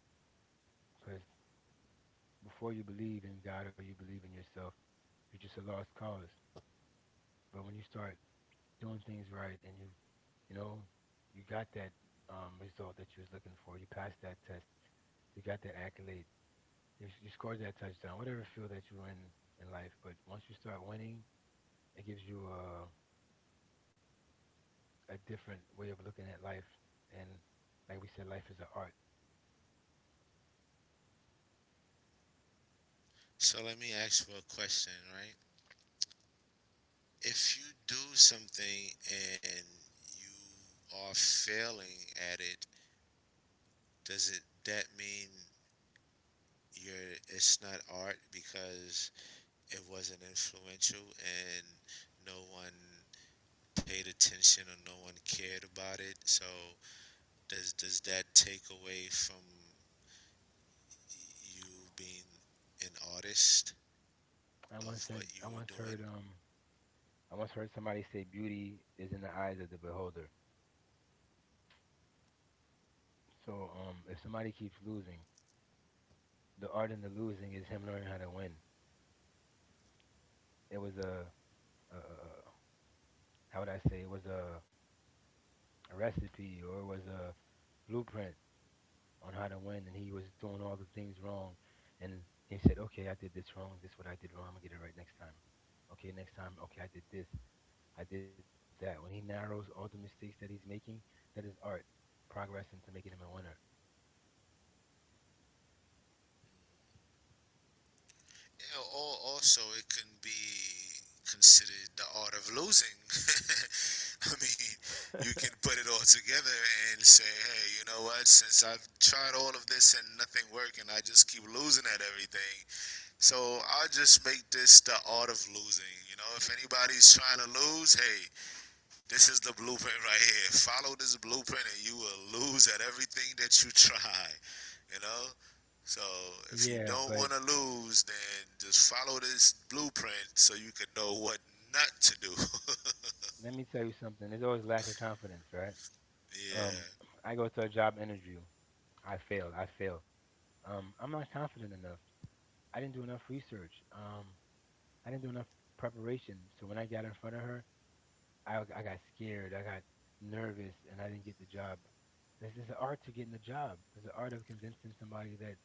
because before you believe in God or you believe in yourself, you're just a lost cause. But when you start doing things right and you know, you got that result that you was looking for, you passed that test, you got that accolade, you scored that touchdown, whatever field that you're in life. But once you start winning, it gives you a different way of looking at life. And like we said, life is an art.
So let me ask you a question, right? If you do something and you are failing at it, does it that mean you're it's not art because it wasn't influential and no one paid attention or no one cared about it? So does that take away from you being an artist
I
of
once said
what you
I
were
once
doing?
heard um I once heard somebody say beauty is in the eyes of the beholder. So if somebody keeps losing, the art in the losing is him learning how to win. It was a, how would I say, it was a recipe, or it was a blueprint on how to win, and he was doing all the things wrong, and he said, okay, I did this wrong. This is what I did wrong. I'm gonna get it right next time. Okay, next time. Okay, I did this. I did that. When he narrows all the mistakes that he's making, that is art, progressing to making him a winner.
You know, or also it can be considered the art of losing. I mean, you can put it all together and say, hey, you know what? Since I've tried all of this and nothing worked, and I just keep losing at everything, so I'll just make this the art of losing. You know, if anybody's trying to lose, hey, this is the blueprint right here. Follow this blueprint and you will lose at everything that you try. You know? So if you
Yeah,
don't
but
want to lose, then just follow this blueprint so you can know what not to do.
let me tell you something. There's always lack of confidence, right?
Yeah.
Um, I go to a job interview. I failed. I failed. I'm not confident enough. I didn't do enough research. I didn't do enough preparation. So when I got in front of her, I got scared. I got nervous, and I didn't get the job. This is the art to getting a job. It's the art of convincing somebody that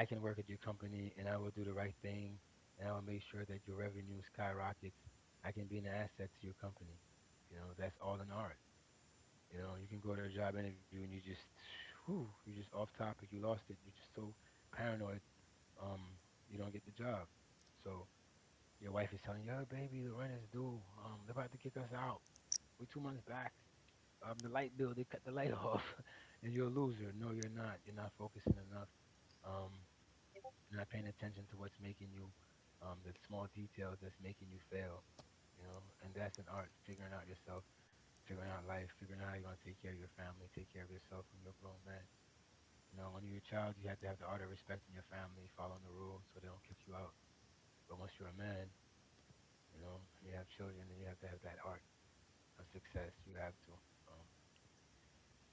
I can work at your company and I will do the right thing and I will make sure that your revenue skyrockets. I can be an asset to your company. You know, that's all in art. You know, you can go to a job interview and you just, whew, you just off topic, you lost it, you're just so paranoid, um, you don't get the job. So your wife is telling you, oh, baby, the rent is due. They're about to kick us out. We're 2 months back. The light bill, they cut the light off, and you're a loser. No, you're not. You're not focusing enough. Um, you're not paying attention to what's making you, the small details that's making you fail, you know. And that's an art, figuring out yourself, figuring out life, figuring out how you're gonna take care of your family, take care of yourself when you're a grown man. You know, when you're a child, you have to have the art of respecting your family, following the rules so they don't kick you out. But once you're a man, you know, and you have children, then you have to have that art of success. You have to. Um,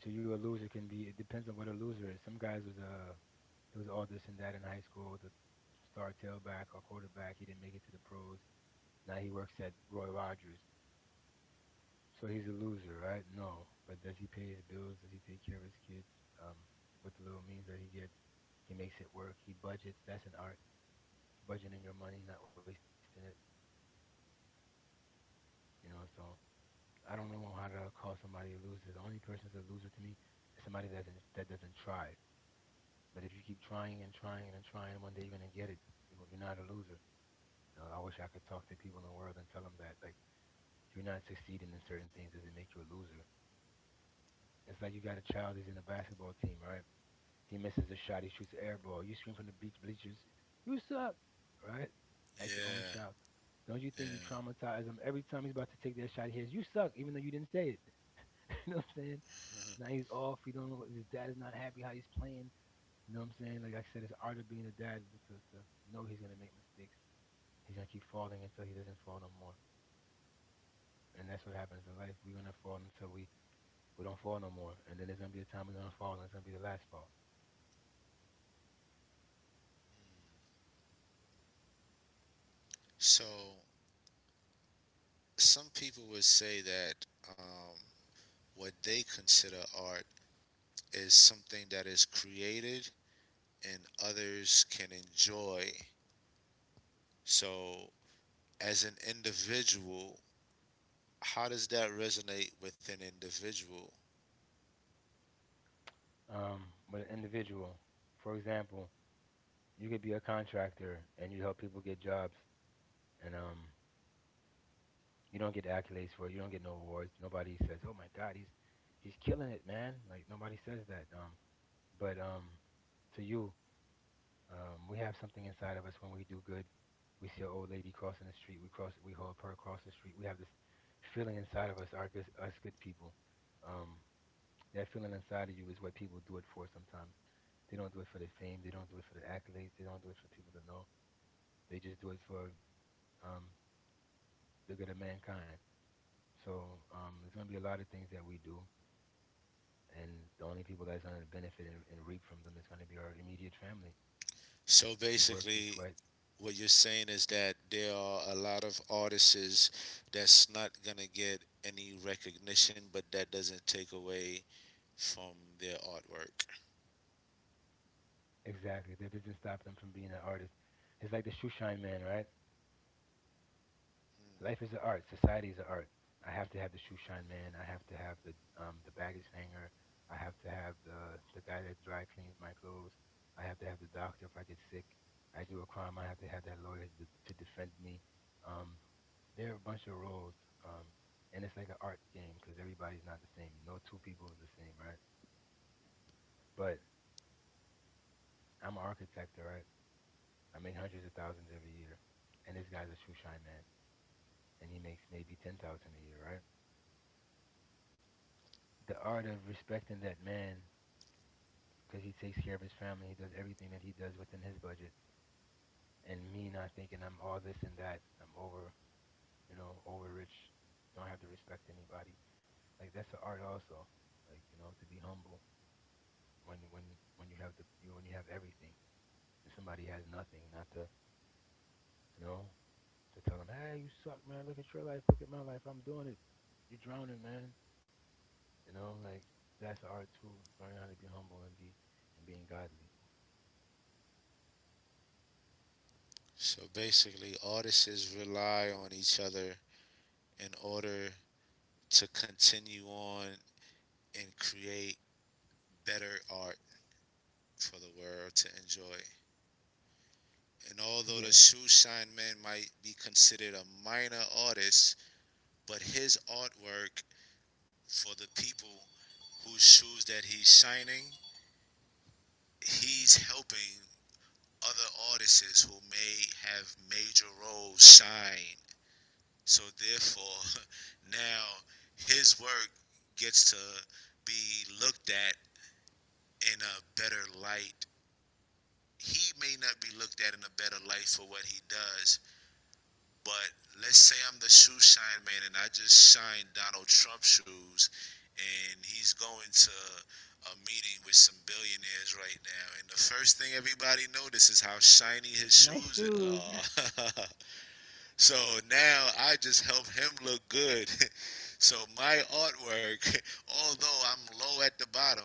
So you, a loser can be. It depends on what a loser is. Some guys was it was all this and that in high school. The star tailback or quarterback. He didn't make it to the pros. Now he works at Roy Rogers. So he's a loser, right? No, but does he pay his bills? Does he take care of his kids? Um, with the little means that he gets, he makes it work. He budgets. That's an art. Budgeting your money, not wasting it. You know. So I don't know how to call somebody a loser. The only person's a loser to me is somebody that doesn't try. But if you keep trying and trying and trying, one day you're gonna get it. You're not a loser. You know, I wish I could talk to people in the world and tell them that, like, you're not succeeding in certain things doesn't make you a loser. It's like you got a child. He's in a basketball team, right? He misses a shot. He shoots an air ball. You scream from the beach bleachers, "You suck!" Right? At your own
Yeah,
child. Don't you think you
yeah.
traumatize him every time he's about to take that shot? He hears, "You suck," even though you didn't say it. You know what I'm saying?
Uh-huh.
Now he's off. He don't know. His dad is not happy how he's playing. You know what I'm saying? Like I said, it's art of being a dad to know he's gonna make mistakes. He's gonna keep falling until he doesn't fall no more. And that's what happens in life. We're gonna fall until we don't fall no more. And then there's gonna be a time we're gonna fall and it's gonna be the last fall.
So some people would say that um, what they consider art is something that is created and others can enjoy. So as an individual, how does that resonate with an individual?
But an individual, for example, you could be a contractor and you help people get jobs, and you don't get accolades for it, you don't get no awards. Nobody says, oh my god, he's killing it, man. Like nobody says that. But to you. We have something inside of us when we do good. We see an old lady crossing the street. We cross. We hold her across the street. We have this feeling inside of us. Are good, us good people? Um, that feeling inside of you is what people do it for. Sometimes they don't do it for the fame. They don't do it for the accolades. They don't do it for people to know. They just do it for um, the good of mankind. So there's going to be a lot of things that we do, and the only people that's going to benefit and reap from them is going to be our immediate family. You
So
work, you sweat.
basically, what you're saying is that there are a lot of artists that's not gonna get any recognition, but that doesn't take away from their artwork.
Exactly. That doesn't stop them from being an artist. It's like the shoe shine man, right? Life is an art. Society is an art. I have to have the shoe shine man. I have to have the baggage hanger. I have to have the guy that dry cleans my clothes. I have to have the doctor if I get sick. I do a crime. I have to have that lawyer to defend me. Um, there are a bunch of roles. Um, and it's like an art game because everybody's not the same. No two people is the same, right? But I'm an architect, all right? I make hundreds of thousands every year, and this guy's a shoe shine man, and he makes maybe 10,000 a year, right? The art of respecting that man, because he takes care of his family, he does everything that he does within his budget, and me not thinking I'm all this and that, I'm over, you know, over rich, don't have to respect anybody. Like that's the art also, like, you know, to be humble when when when you have the you when you have everything and somebody has nothing, not to, you know, to tell them, hey, you suck, man. Look at your life, look at my life. I'm doing it. You're drowning, man. You know, like, that's art too. Learning how to be humble and be and being godly.
So basically, artists rely on each other in order to continue on and create better art for the world to enjoy. And although the
Yeah.
shoe shine man might be considered a minor artist, but his artwork for the people whose shoes that he's shining, he's helping other artists who may have major roles shine. So therefore, now his work gets to be looked at in a better light. He may not be looked at in a better light for what he does, but let's say I'm the shoe shine man and I just shine Donald Trump shoes and he's going to a meeting with some billionaires right now and the first thing everybody notices is how shiny his
Nice
shoes
shoes.
are. So now I just help him look good. So my artwork, although I'm low at the bottom,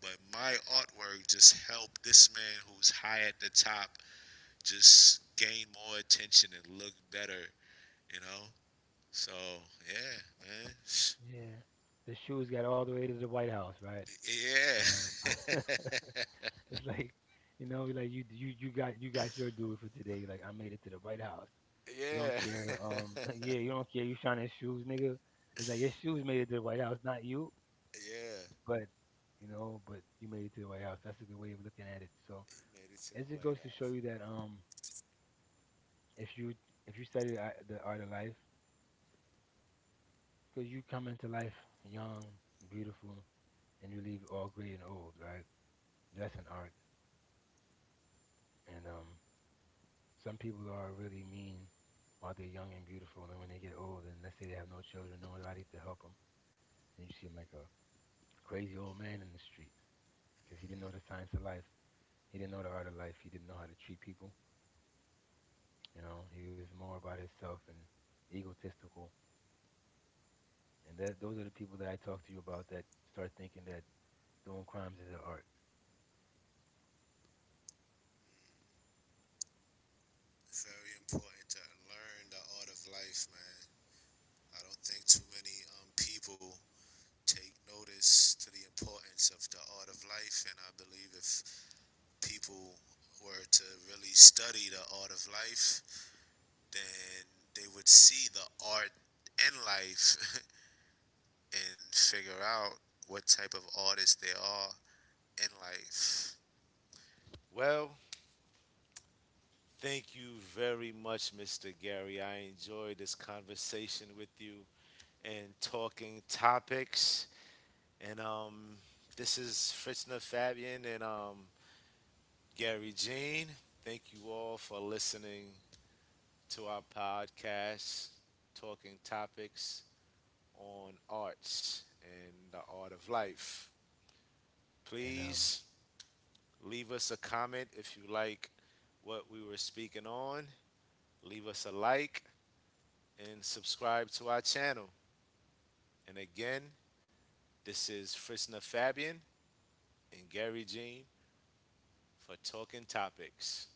but my artwork just helped this man who's high at the top just gain more attention and look better, you know. So yeah, man.
Yeah. The shoes got all the way to the White House, right?
Yeah.
Um, it's like, you know, like you got your due for today. Like I made it to the White House. You don't
Yeah.
care. Yeah, you don't care. You shining shoes, nigga. It's like your shoes made it to the White House, not you.
Yeah.
But you know, but you made it to the White House. That's a good way of looking at it. So
He made it to the
it just
White
goes to show
House.
you that if you if you study the art of life, because you come into life young, beautiful, and you leave all gray and old, right? That's an art. And some people are really mean while they're young and beautiful, and when they get old, and let's say they have no children, no nobody to help them, and you see 'em like a crazy old man in the street because he didn't know the science of life, he didn't know the art of life, he didn't know how to treat people. You know, he was more about himself and egotistical. And that those are the people that I talk to you about that start thinking that doing crimes is an art.
It's very important to learn the art of life, man. I don't think too many people take notice to the importance of the art of life, and I believe if people were to really study the art of life, then they would see the art in life and figure out what type of artists they are in life. Well, thank you very much, Mr. Gary. I enjoyed this conversation with you and talking topics. And this is Fritzner Fabian and Gary Jean. Thank you all for listening to our podcast, Talking Topics, on Arts and the Art of Life.
And
Please leave us a comment if you like what we were speaking on. Leave us a like and subscribe to our channel. And again, this is Frisna Fabian and Gary Jean for Talking Topics.